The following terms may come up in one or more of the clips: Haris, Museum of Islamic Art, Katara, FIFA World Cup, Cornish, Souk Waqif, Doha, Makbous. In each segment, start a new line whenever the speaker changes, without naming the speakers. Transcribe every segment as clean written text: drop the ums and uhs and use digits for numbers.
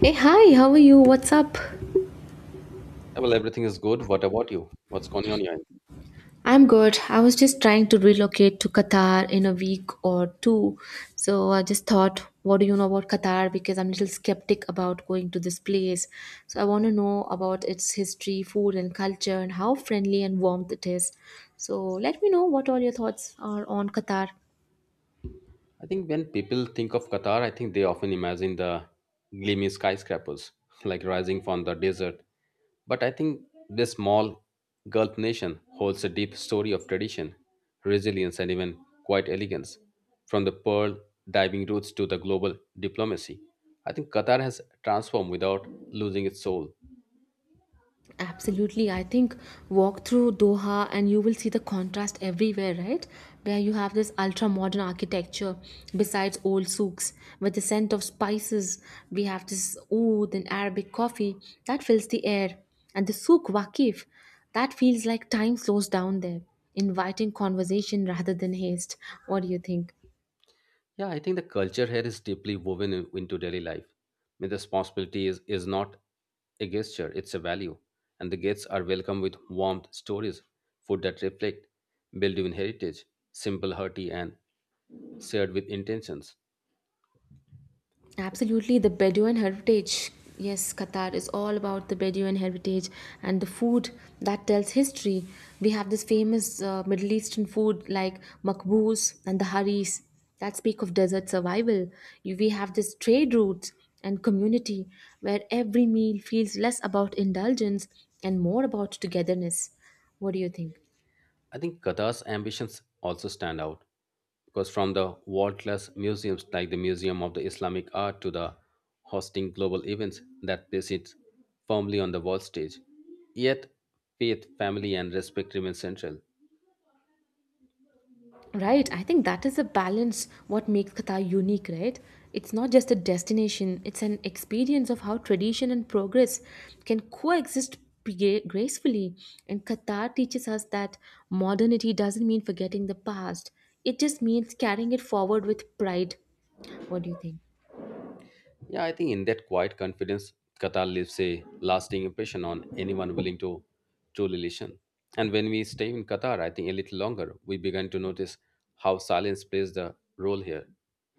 Hey, hi, how are you? What's up?
Well, everything is good. What about you? What's going on your end?
I'm good. I was just trying to relocate to Qatar in a week or two. So I just thought, what do you know about Qatar? Because I'm a little skeptic about going to this place. So I want to know about its history, food, and culture, and how friendly and warm it is. So let me know what all your thoughts are on Qatar.
I think when people think of Qatar, I think they often imagine the gleamy skyscrapers, like rising from the desert. But I think this small Gulf nation holds a deep story of tradition, resilience, and even quiet elegance. From the pearl diving routes to the global diplomacy, I think Qatar has transformed without losing its soul.
Absolutely. I think walk through Doha and you will see the contrast everywhere, right? Where you have this ultra modern architecture besides old souks with the scent of spices. We have this oud and Arabic coffee that fills the air. And the souk waqif, that feels like time slows down there, inviting conversation rather than haste. What do you think?
Yeah, I think the culture here is deeply woven into daily life. I mean, the responsibility is not a gesture, it's a value. And the guests are welcomed with warmth, stories, food that reflect Belgian heritage, simple, hearty, and shared with intentions.
Absolutely, the Bedouin heritage. Yes, Qatar is all about the Bedouin heritage and the food that tells history. We have this famous Middle Eastern food like makbous and the haris that speak of desert survival. We have this trade routes and community where every meal feels less about indulgence and more about togetherness. What do you think?
I think Qatar's ambitions also stand out because from the world class museums like the Museum of the Islamic Art to the hosting global events that place it firmly on the world stage, yet faith, family, and respect remain central.
Right, I think that is a balance what makes Qatar unique, right? It's not just a destination, it's an experience of how tradition and progress can coexist gracefully. And Qatar teaches us that modernity doesn't mean forgetting the past, it just means carrying it forward with pride. What do you think?
Yeah, I think in that quiet confidence, Qatar leaves a lasting impression on anyone willing to truly listen. And when we stay in Qatar, I think a little longer, we began to notice how silence plays the role here.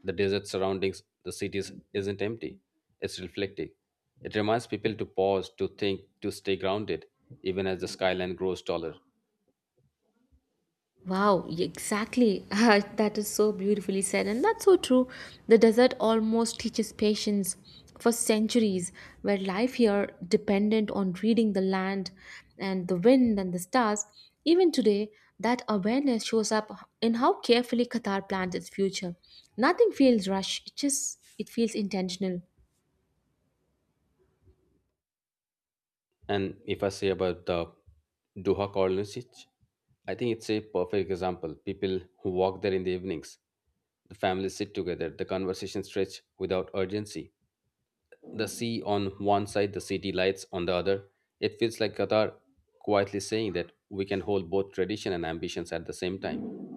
The desert surroundings, the cities isn't empty, it's reflective. It reminds people to pause, to think, to stay grounded, even as the skyline grows taller.
Wow, exactly. That is so beautifully said, and that's so true. The desert almost teaches patience. For centuries, where life here dependent on reading the land and the wind and the stars, even today, that awareness shows up in how carefully Qatar plans its future. Nothing feels rushed; it just it feels intentional.
And if I say about the Doha colonies, I think it's a perfect example. People who walk there in the evenings, the families sit together, the conversation stretch without urgency. The sea on one side, the city lights on the other. It feels like Qatar quietly saying that we can hold both tradition and ambitions at the same time.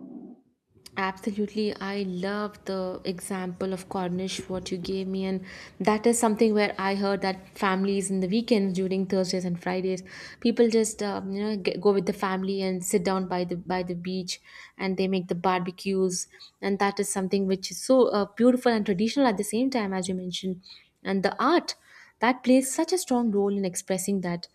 Absolutely. I love the example of Cornish, what you gave me. And that is something where I heard that families in the weekends during Thursdays and Fridays, people just, get, go with the family and sit down by the beach and they make the barbecues. And that is something which is so beautiful and traditional at the same time, as you mentioned. And the art that plays such a strong role in expressing that,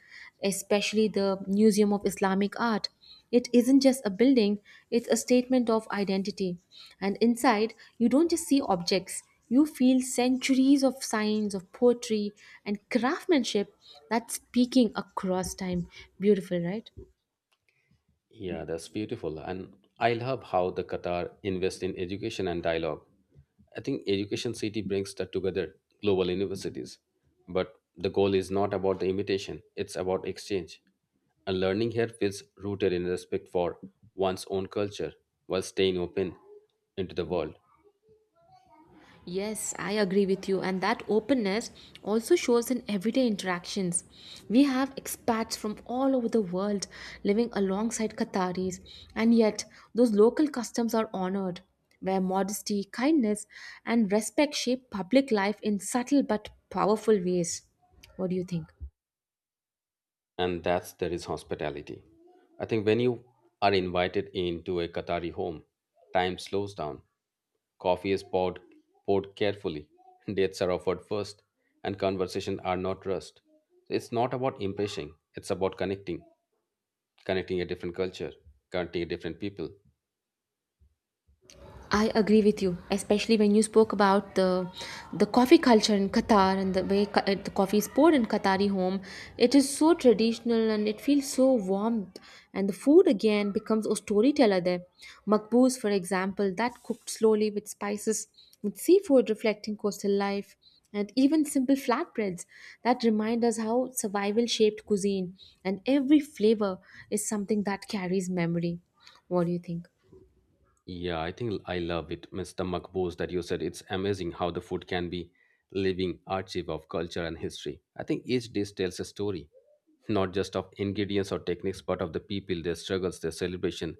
especially the Museum of Islamic Art. It isn't just a building, it's a statement of identity. And inside, you don't just see objects, you feel centuries of signs of poetry and craftsmanship that's speaking across time. Beautiful, right?
Yeah, that's beautiful. And I love how the Qatar invest in education and dialogue. I think Education City brings that together, global universities. But the goal is not about the imitation, it's about exchange. And learning here feels rooted in respect for one's own culture while staying open into the world.
Yes, I agree with you. And that openness also shows in everyday interactions. We have expats from all over the world living alongside Qataris, and yet those local customs are honored, where modesty, kindness, and respect shape public life in subtle but powerful ways. What do you think?
And that's there is hospitality. I think when you are invited into a Qatari home, time slows down. Coffee is poured, poured carefully, dates are offered first, and conversations are not rushed. It's not about impressing, it's about connecting, connecting a different culture, connecting a different people.
I agree with you, especially when you spoke about the coffee culture in Qatar and the way the coffee is poured in Qatari home. It is so traditional and it feels so warm. And the food again becomes a storyteller there. Makbuz, for example, that cooked slowly with spices, with seafood reflecting coastal life, and even simple flatbreads that remind us how survival shaped cuisine. And every flavor is something that carries memory. What do you think?
Yeah, I think I love it, Mr. Makbuz, that you said it's amazing how the food can be living archive of culture and history. I think each dish tells a story, not just of ingredients or techniques, but of the people, their struggles, their celebration,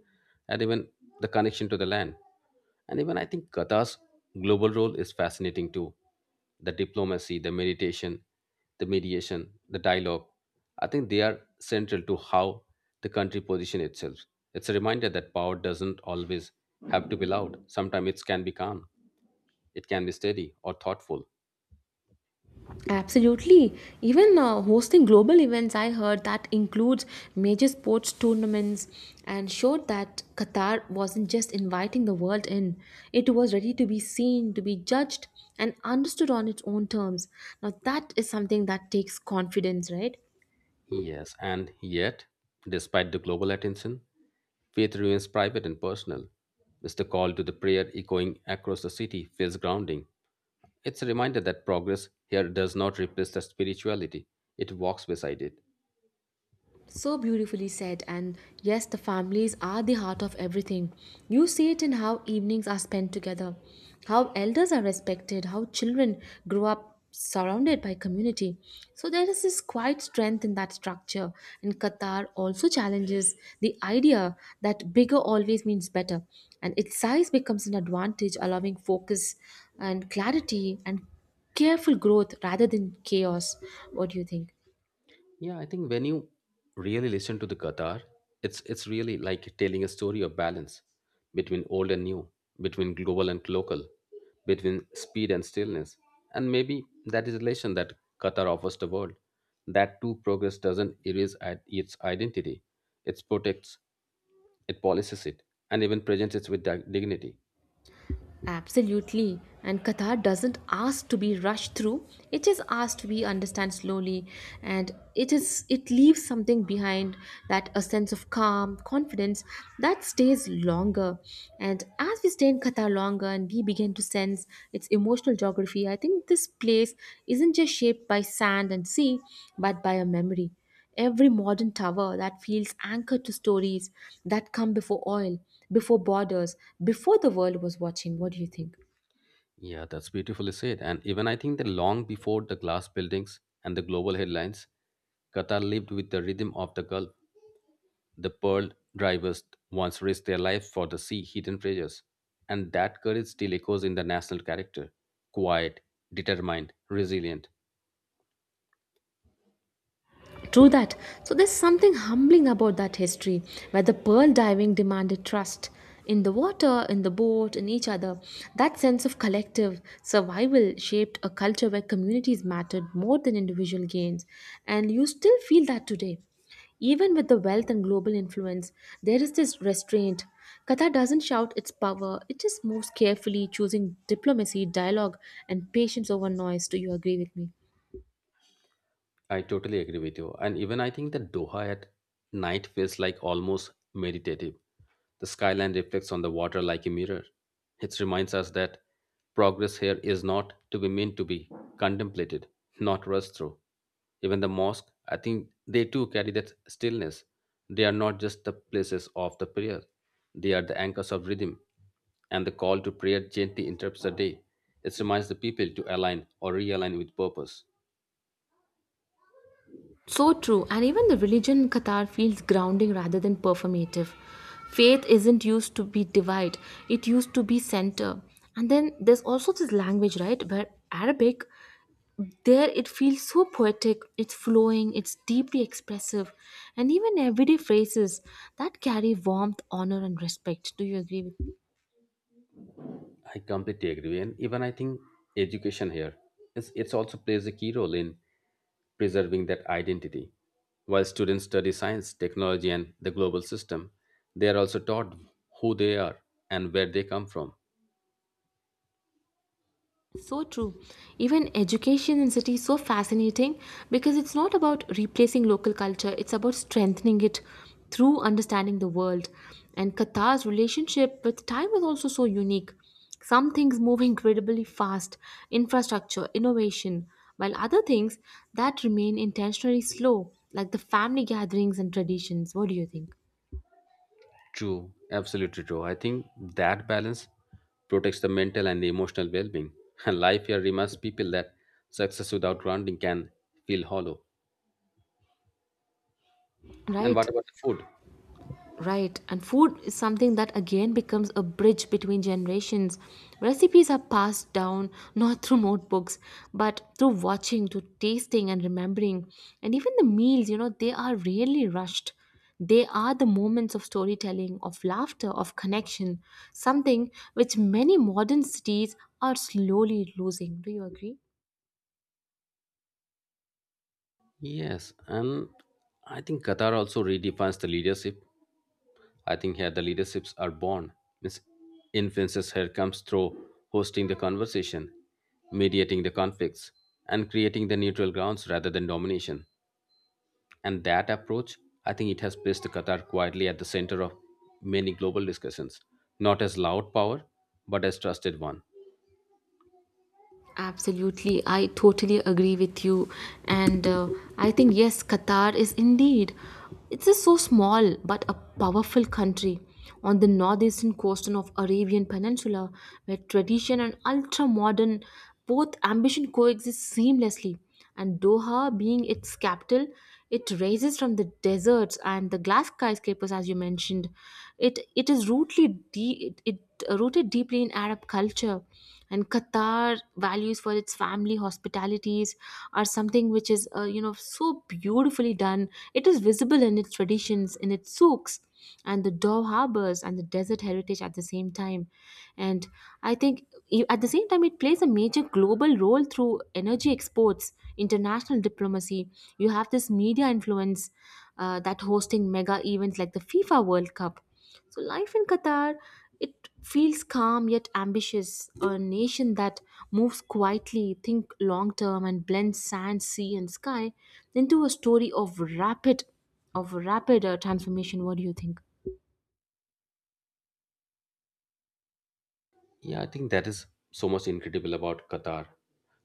and even the connection to the land. And even I think Qatar's global role is fascinating too. The diplomacy, the meditation, the mediation, the dialogue. I think they are central to how the country position itself. It's a reminder that power doesn't always have to be loud. Sometimes it can be calm, it can be steady or thoughtful.
Absolutely. Even hosting global events, I heard that includes major sports tournaments and showed that Qatar wasn't just inviting the world in, it was ready to be seen, to be judged, and understood on its own terms. Now, that is something that takes confidence, right?
Yes, and yet, despite the global attention, faith remains private and personal. Mr. Call to the prayer echoing across the city feels grounding. It's a reminder that progress here does not replace the spirituality, it walks beside it.
So beautifully said, and yes, the families are the heart of everything. You see it in how evenings are spent together, how elders are respected, how children grow up surrounded by community. So there is this quiet strength in that structure, and Qatar also challenges the idea that bigger always means better, and its size becomes an advantage, allowing focus and clarity and careful growth rather than chaos. What do you think?
Yeah, I think when you really listen to the Qatar, it's really like telling a story of balance between old and new, between global and local, between speed and stillness. And maybe that is the lesson that Qatar offers the world. That too, progress doesn't erase its identity, it protects, it policies it, and even presents it with dignity.
Absolutely. And Qatar doesn't ask to be rushed through. It is asked to be understand slowly and it leaves something behind that a sense of calm, confidence that stays longer. And as we stay in Qatar longer and we begin to sense its emotional geography, I think this place isn't just shaped by sand and sea, but by a memory. Every modern tower that feels anchored to stories that come before oil, before borders, before the world was watching. What do you think?
Yeah, that's beautifully said. And even I think that long before the glass buildings and the global headlines, Qatar lived with the rhythm of the Gulf. The pearl drivers once risked their lives for the sea hidden treasures. And that courage still echoes in the national character quiet, determined, resilient.
True that. So there's something humbling about that history, where the pearl diving demanded trust in the water, in the boat, in each other. That sense of collective survival shaped a culture where communities mattered more than individual gains, and you still feel that today. Even with the wealth and global influence, there is this restraint. Qatar doesn't shout its power, it just moves carefully, choosing diplomacy, dialogue, and patience over noise. Do you agree with me?
I totally agree with you. And even I think that Doha at night feels like almost meditative. The skyline reflects on the water like a mirror. It reminds us that progress here is not to be meant to be contemplated, not rushed through. Even the mosque, I think they too carry that stillness. They are not just the places of the prayer, they are the anchors of rhythm. And the call to prayer gently interrupts the day. It reminds the people to align or realign with purpose.
So true, and even the religion in Qatar feels grounding rather than performative. Faith isn't used to be divide, it used to be center. And then there's also this language, right? But Arabic, there it feels so poetic, it's flowing, it's deeply expressive, and even everyday phrases that carry warmth, honor, and respect. Do you agree with
I completely agree, and even I think education here is it's also plays a key role in preserving that identity. While students study science, technology, and the global system, they are also taught who they are and where they come from.
So true. Even education in cities so fascinating because it's not about replacing local culture, it's about strengthening it through understanding the world. And Qatar's relationship with time is also so unique. Some things move incredibly fast, infrastructure, innovation, while other things that remain intentionally slow, like the family gatherings and traditions. What do you think?
True, absolutely true. I think that balance protects the mental and emotional well-being, and life here reminds people that success without grounding can feel hollow. And
Right.
what about the food?
Right, and food is something that again becomes a bridge between generations. Recipes are passed down not through notebooks, but through watching, through tasting, and remembering. And even the meals, you know, they are rarely rushed. They are the moments of storytelling, of laughter, of connection, something which many modern cities are slowly losing. Do you agree?
Yes, and I think Qatar also redefines the leadership I think here the leaderships are born. Miss influences here comes through hosting the conversation, mediating the conflicts, and creating the neutral grounds rather than domination. And that approach, I think it has placed Qatar quietly at the center of many global discussions, not as loud power, but as trusted one.
Absolutely, I totally agree with you, and I think yes, Qatar is indeed. It's a so small but a powerful country on the northeastern coast of Arabian Peninsula, where tradition and ultra modern both ambition coexist seamlessly. And Doha being its capital, it rises from the deserts and the glass skyscrapers, as you mentioned. It is rootly de- it rooted deeply in Arab culture, and Qatar values for its family hospitalities are something which is so beautifully done. It is visible in its traditions, in its souks and the Dove harbors and the desert heritage at the same time. And I think at the same time, it plays a major global role through energy exports, international diplomacy. You have this media influence that hosting mega events like the FIFA World Cup. So life in Qatar, it feels calm yet ambitious. A nation that moves quietly, think long term, and blends sand, sea, and sky into a story of rapid, of rapid transformation. What do you think?
Yeah, I think that is so much incredible about Qatar.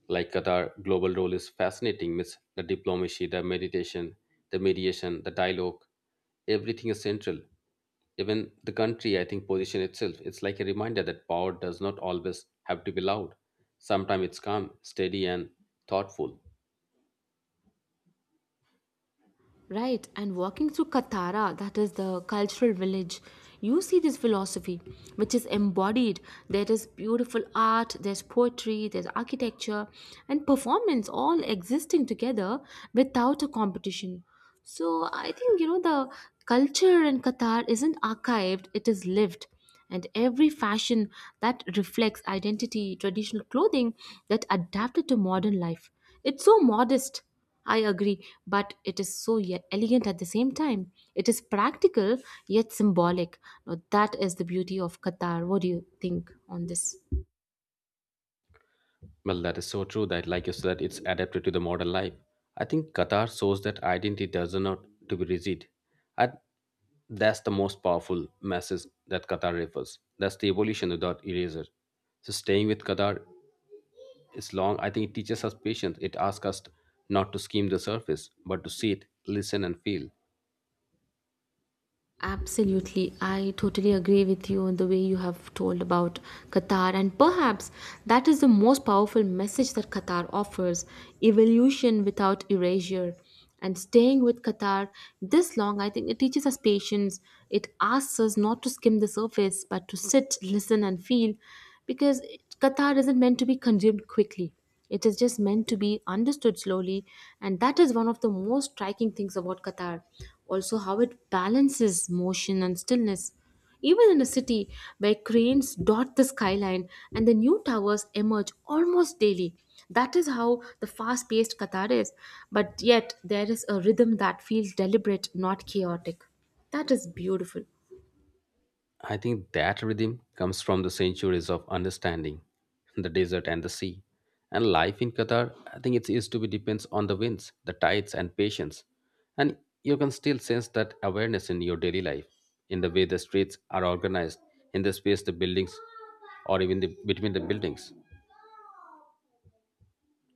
Like Qatar, global role is fascinating. Means the diplomacy, the meditation, the mediation, the dialogue, everything is central. Even the country, I think, position itself. It's like a reminder that power does not always have to be loud. Sometimes it's calm, steady, and thoughtful.
Right, and walking through Katara, that is the cultural village, you see this philosophy which is embodied. There is beautiful art, there's poetry, there's architecture, and performance all existing together without a competition. So I think you know the culture in Qatar isn't archived, it is lived and every fashion that reflects identity, traditional clothing that adapted to modern life. It's so modest, I agree, but it is so elegant at the same time. It is practical yet symbolic. Now, that is the beauty of Qatar. What do you think on this?
Well, that is so true that, like you said, it's adapted to the modern life. I think Qatar shows that identity does not to be rigid. I, that's the most powerful message that Qatar refers. That's the evolution without eraser. So staying with Qatar is long. I think it teaches us patience. It asks us not to skim the surface, but to see it, listen, and feel.
Absolutely, I totally agree with you on the way you have told about Qatar, and perhaps that is the most powerful message that Qatar offers evolution without erasure. And staying with Qatar this long, I think it teaches us patience. It asks us not to skim the surface, but to sit, listen, and feel because Qatar isn't meant to be consumed quickly. It is just meant to be understood slowly, and that is one of the most striking things about Qatar. Also, how it balances motion and stillness. Even in a city where cranes dot the skyline and the new towers emerge almost daily. That is how the fast paced Qatar is, but yet there is a rhythm that feels deliberate, not chaotic. That is beautiful.
I think that rhythm comes from the centuries of understanding, the desert and the sea. And life in Qatar, I think it is to be depends on the winds, the tides, and patience. And you can still sense that awareness in your daily life, in the way the streets are organized, in the space the buildings, or even the, between the buildings.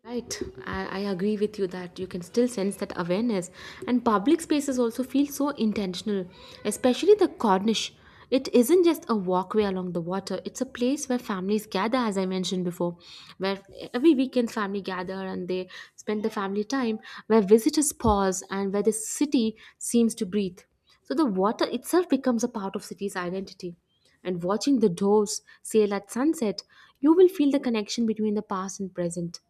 Right, I agree with you that you can still sense that awareness, and public spaces also feel so intentional, especially the Cornish. It isn't just a walkway along the water, it's a place where families gather, as I mentioned before, where every weekend family gather and they spend the family time, where visitors pause and where the city seems to breathe. So the water itself becomes a part of city's identity and watching the doves sail at sunset, you will feel the connection between the past and present.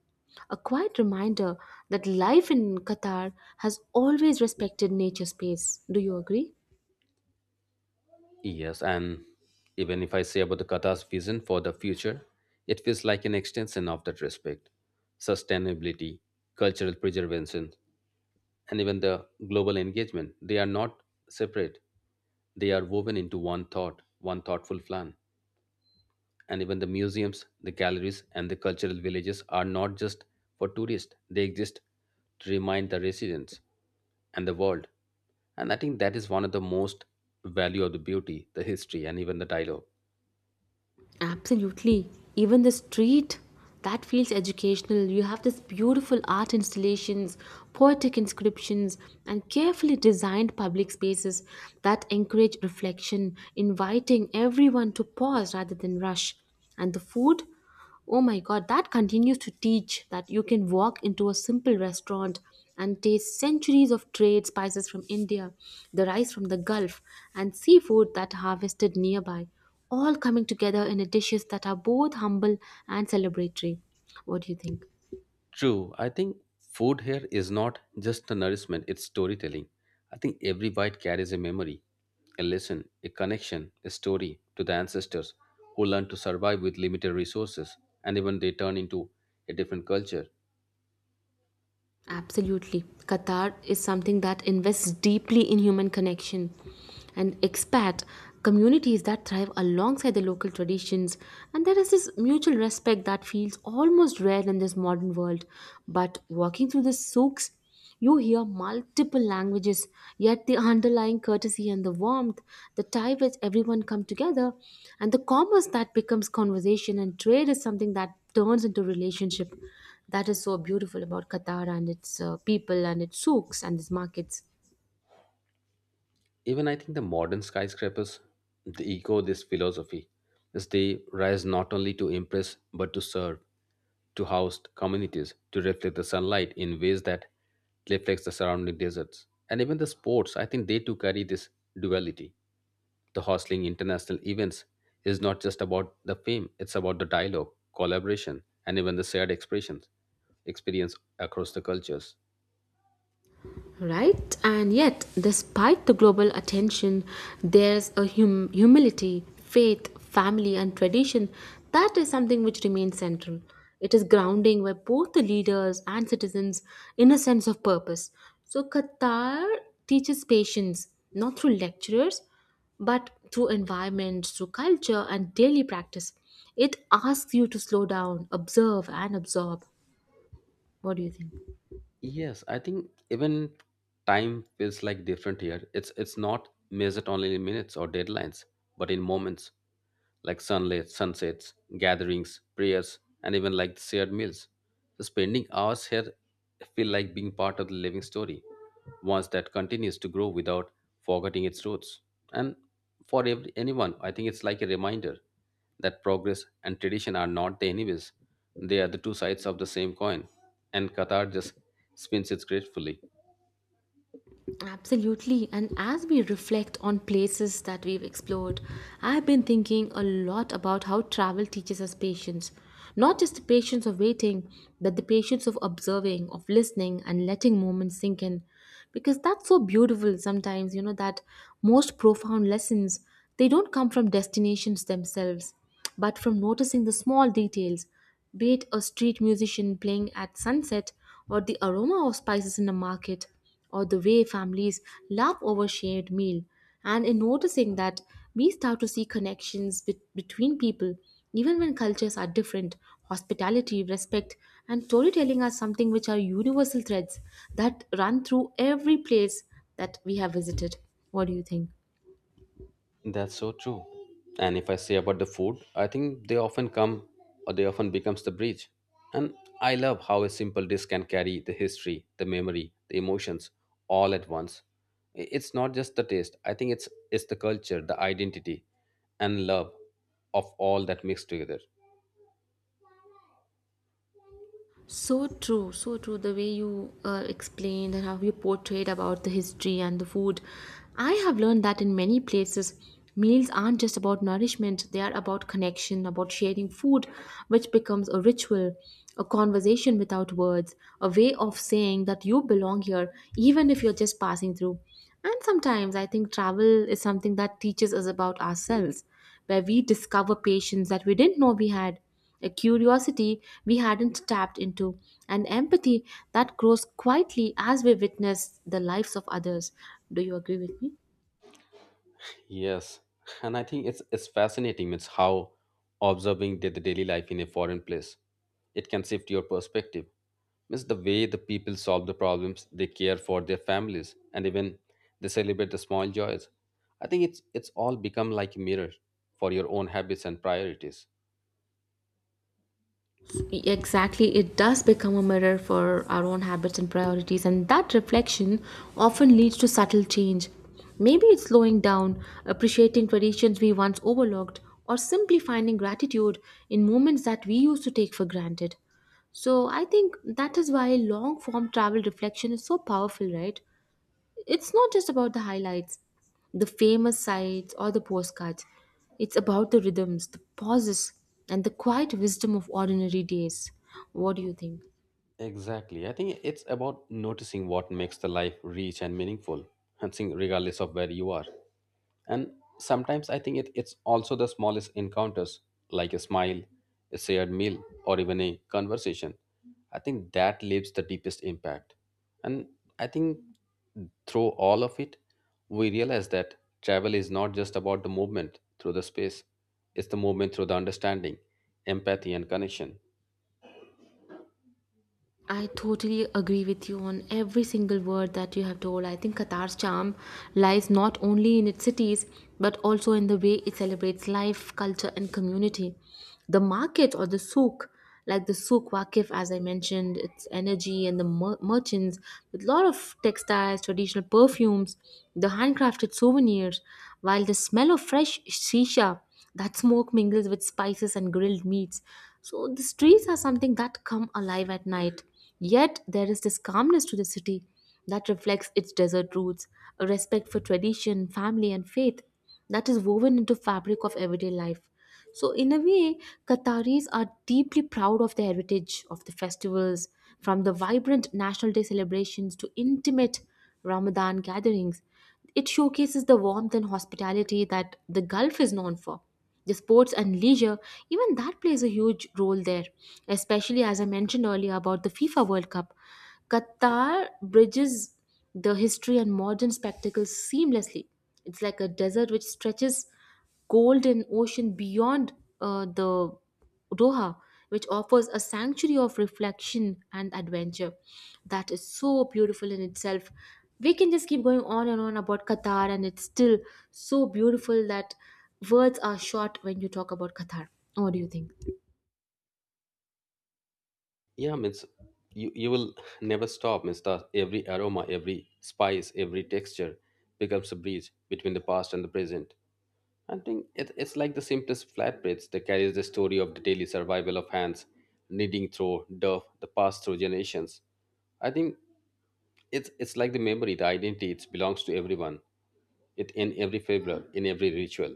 A quiet reminder that life in Qatar has always respected nature space. Do you agree?
Yes, and even if I say about the Qatar's vision for the future, it feels like an extension of that respect, sustainability, cultural preservation, and even the global engagement. They are not separate, they are woven into one thought, one thoughtful plan and even the museums, the galleries, and the cultural villages are not just for tourists, they exist to remind the residents and the world. And I think that is one of the most value of the beauty, the history, and even the dialogue.
Absolutely. Even the street, that feels educational. You have this beautiful art installations, poetic inscriptions, and carefully designed public spaces that encourage reflection, inviting everyone to pause rather than rush. And the food? Oh my god, that continues to teach that you can walk into a simple restaurant and taste centuries of trade spices from India, the rice from the Gulf, and seafood that harvested nearby, all coming together in a dishes that are both humble and celebratory. What do you think?
True, I think food here is not just a nourishment, it's storytelling. I think every bite carries a memory, a lesson, a connection, a story to the ancestors who learned to survive with limited resources and even they turn into a different culture.
Absolutely. Qatar is something that invests deeply in human connection and expat communities that thrive alongside the local traditions. And there is this mutual respect that feels almost rare in this modern world. But walking through the souks, you hear multiple languages, yet the underlying courtesy and the warmth, the tie which everyone come together, and the commerce that becomes conversation and trade is something that turns into relationship. That is so beautiful about Qatar and its people and its souks and its markets.
Even I think the modern skyscrapers, they echo this philosophy, as they rise not only to impress but to serve, to house communities, to reflect the sunlight in ways that reflects the surrounding deserts. And even the sports, I think they too carry this duality. The hostling international events is not just about the fame, it's about the dialogue, collaboration, and even the shared expressions, experience across the cultures.
Right? And yet, despite the global attention, there's a humility, faith, family, and tradition that is something which remains central. It is grounding where both the leaders and citizens in a sense of purpose. So, Qatar teaches patience not through lecturers but through environment, through culture, and daily practice. It asks you to slow down, observe, and absorb. What do you think?
Yes, I think even time feels like different here. It's not measured only in minutes or deadlines, but in moments like sunlight, sunsets, gatherings, prayers, and even like shared meals. So spending hours here feel like being part of the living story, once that continues to grow without forgetting its roots. And for every, anyone, I think it's like a reminder that progress and tradition are not the enemies; they are the two sides of the same coin and Qatar just spins it gracefully.
Absolutely. And as we reflect on places that we've explored, I've been thinking a lot about how travel teaches us patience. Not just the patience of waiting, but the patience of observing, of listening, and letting moments sink in. Because that's so beautiful sometimes, you know, that most profound lessons, they don't come from destinations themselves, but from noticing the small details, be it a street musician playing at sunset or the aroma of spices in a market or the way families laugh over shared meal. And in noticing that, we start to see connections between people, even when cultures are different. Hospitality, respect, and storytelling are something which are universal threads that run through every place that we have visited. What do you think?
That's so true. And if I say about the food, I think they often come or they often becomes the bridge. And I love how a simple dish can carry the history, the memory, the emotions all at once. It's not just the taste. I think it's the culture, the identity, and love of all that mixed together.
So true, so true. The way you explained and how you portrayed about the history and the food. I have learned that in many places, meals aren't just about nourishment, they are about connection, about sharing food, which becomes a ritual, a conversation without words, a way of saying that you belong here, even if you're just passing through. And sometimes I think travel is something that teaches us about ourselves, where we discover patience that we didn't know we had, a curiosity we hadn't tapped into, and empathy that grows quietly as we witness the lives of others. Do you agree with me?
Yes, and I think it's fascinating. It's how observing the daily life in a foreign place it can shift your perspective. Means the way the people solve the problems, they care for their families, and even they celebrate the small joys. I think it's all become like a mirror for your own habits and priorities.
Exactly, it does become a mirror for our own habits and priorities, and that reflection often leads to subtle change. Maybe it's slowing down, appreciating traditions we once overlooked, or simply finding gratitude in moments that we used to take for granted. So, I think that is why long form travel reflection is so powerful, right? It's not just about the highlights, the famous sites, or the postcards. It's about the rhythms, the pauses, and the quiet wisdom of ordinary days. What do you think?
Exactly. I think it's about noticing what makes the life rich and meaningful, and seeing regardless of where you are. And sometimes I think it's also the smallest encounters, like a smile, a shared meal, or even a conversation. I think that leaves the deepest impact. And I think through all of it, we realize that travel is not just about the movement through the space, it's the movement through the understanding, empathy, and connection.
I totally agree with you on every single word that you have told. I think Qatar's charm lies not only in its cities but also in the way it celebrates life, culture, and community. The market or the souk, like the Souk Waqif, as I mentioned, its energy and the merchants with a lot of textiles, traditional perfumes, the handcrafted souvenirs, while the smell of fresh shisha, that smoke mingles with spices and grilled meats. So the streets are something that come alive at night. Yet there is this calmness to the city that reflects its desert roots, a respect for tradition, family, and faith that is woven into fabric of everyday life. So in a way, Qataris are deeply proud of the heritage of the festivals, from the vibrant National Day celebrations to intimate Ramadan gatherings. It showcases the warmth and hospitality that the Gulf is known for. The sports and leisure, even that plays a huge role there, especially as I mentioned earlier about the FIFA World Cup. Qatar bridges the history and modern spectacles seamlessly. It's like a desert which stretches golden ocean beyond the Doha, which offers a sanctuary of reflection and adventure that is so beautiful in itself. We can just keep going on and on about Qatar, and it's still so beautiful that words are short when you talk about Qatar. What do you think?
Yeah, means you will never stop, means the, every aroma, every spice, every texture becomes a bridge between the past and the present. I think it's like the simplest flatbreads that carries the story of the daily survival of hands, kneading through dough, the past through generations. I think it's like the memory, the identity, it belongs to everyone. It in every flavor, in every ritual.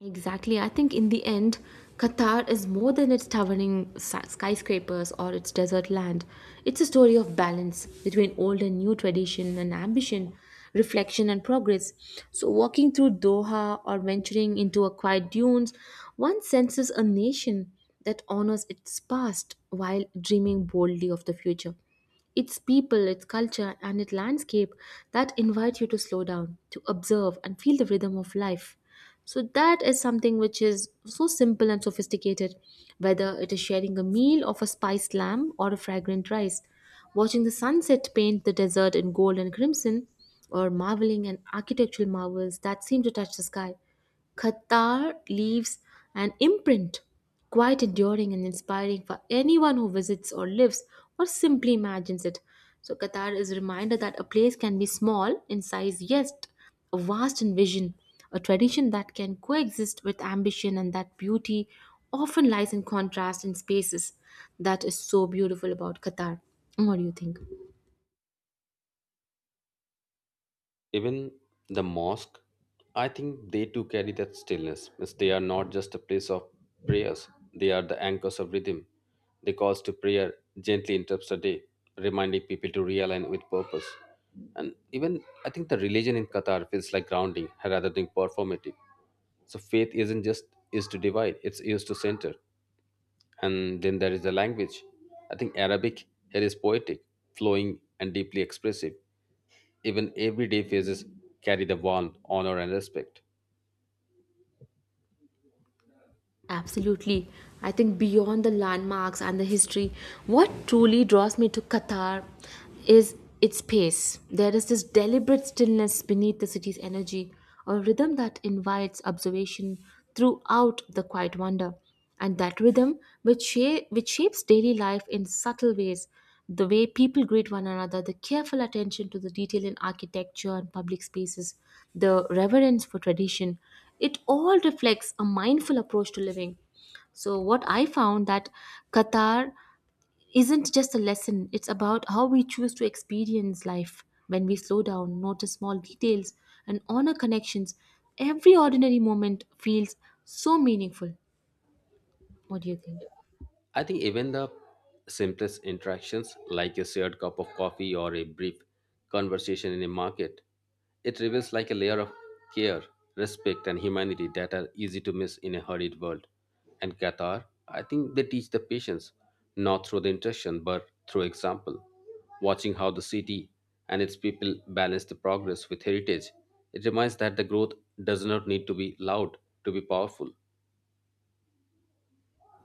Exactly. I think in the end, Qatar is more than its towering skyscrapers or its desert land. It's a story of balance between old and new, tradition and ambition, reflection and progress. So, walking through Doha or venturing into a quiet dunes, one senses a nation that honors its past while dreaming boldly of the future. Its people, its culture, and its landscape that invite you to slow down, to observe, and feel the rhythm of life. So, that is something which is so simple and sophisticated, whether it is sharing a meal of a spiced lamb or a fragrant rice, watching the sunset paint the desert in gold and crimson, or marveling at architectural marvels that seem to touch the sky. Qatar leaves an imprint quite enduring and inspiring for anyone who visits or lives or simply imagines it. So, Qatar is a reminder that a place can be small in size, yet vast in vision, a tradition that can coexist with ambition, and that beauty often lies in contrast in spaces. That is so beautiful about Qatar. What do you think?
Even the mosque, I think they too carry that stillness. Means they are not just a place of prayers, they are the anchors of rhythm. The calls to prayer gently interrupts the day, reminding people to realign with purpose. And even I think the religion in Qatar feels like grounding rather than performative. So faith isn't just used to divide, it's used to center. And then there is the language. I think Arabic here is poetic, flowing, and deeply expressive. Even everyday faces carry the warmth, honor, and respect.
Absolutely. I think beyond the landmarks and the history, what truly draws me to Qatar is its pace. There is this deliberate stillness beneath the city's energy, a rhythm that invites observation throughout the quiet wonder. And that rhythm which which shapes daily life in subtle ways, the way people greet one another, the careful attention to the detail in architecture and public spaces, the reverence for tradition, it all reflects a mindful approach to living. So what I found that Qatar isn't just a lesson, it's about how we choose to experience life. When we slow down, notice small details, and honor connections, every ordinary moment feels so meaningful. What do you think?
I think even the simplest interactions, like a shared cup of coffee or a brief conversation in a market, it reveals like a layer of care, respect, and humanity that are easy to miss in a hurried world. And Qatar, I think they teach the patience not through the interaction but through example. Watching how the city and its people balance the progress with heritage, it reminds that the growth does not need to be loud to be powerful.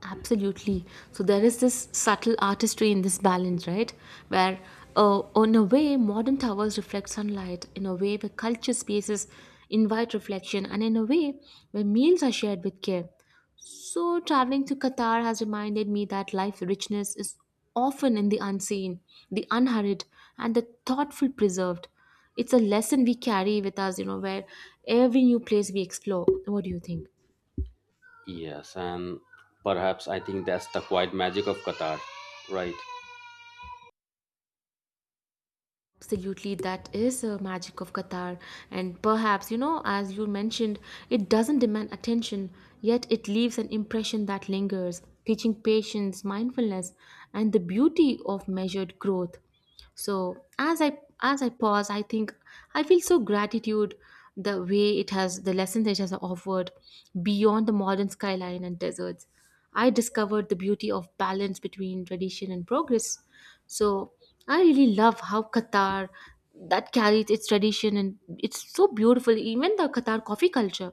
Absolutely. So there is this subtle artistry in this balance, right? Where, in a way, modern towers reflect sunlight, in a way, where culture spaces invite reflection, and in a way, where meals are shared with care. So traveling to Qatar has reminded me that life richness is often in the unseen, the unhurried, and the thoughtful preserved. It's a lesson we carry with us, you know, where every new place we explore. What do you think?
Yes, and perhaps I think that's the quiet magic of Qatar, right?
Absolutely, that is a magic of Qatar. And perhaps, you know, as you mentioned, it doesn't demand attention, yet it leaves an impression that lingers, teaching patience, mindfulness, and the beauty of measured growth. So as I pause, I think I feel so gratitude the way it has, the lessons it has offered beyond the modern skyline and deserts. I discovered the beauty of balance between tradition and progress. So I really love how Qatar that carries its tradition, and it's so beautiful. Even the Qatar coffee culture,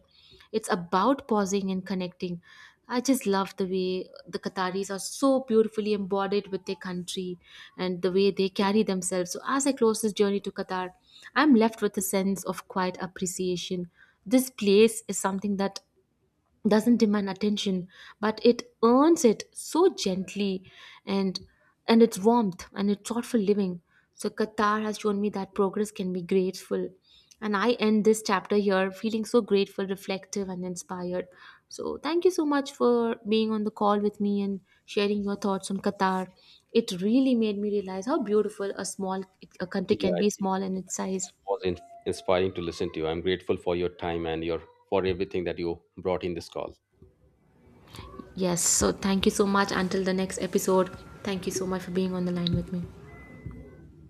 it's about pausing and connecting. I just love the way the Qataris are so beautifully embodied with their country and the way they carry themselves. So as I close this journey to Qatar, I'm left with a sense of quiet appreciation. This place is something that doesn't demand attention but it earns it so gently, and its warmth and its thoughtful living. So Qatar has shown me that progress can be grateful, and I end this chapter here feeling so grateful, reflective, and inspired. So thank you so much for being on the call with me and sharing your thoughts on Qatar. It really made me realize how beautiful a small a country
Yeah,
can
I
be,
think
small in its
it
size.
was inspiring to listen to you. I'm grateful for your time and your for everything that you brought in this call.
Yes, so thank you so much. Until the next episode, thank you so much for being on the line with me.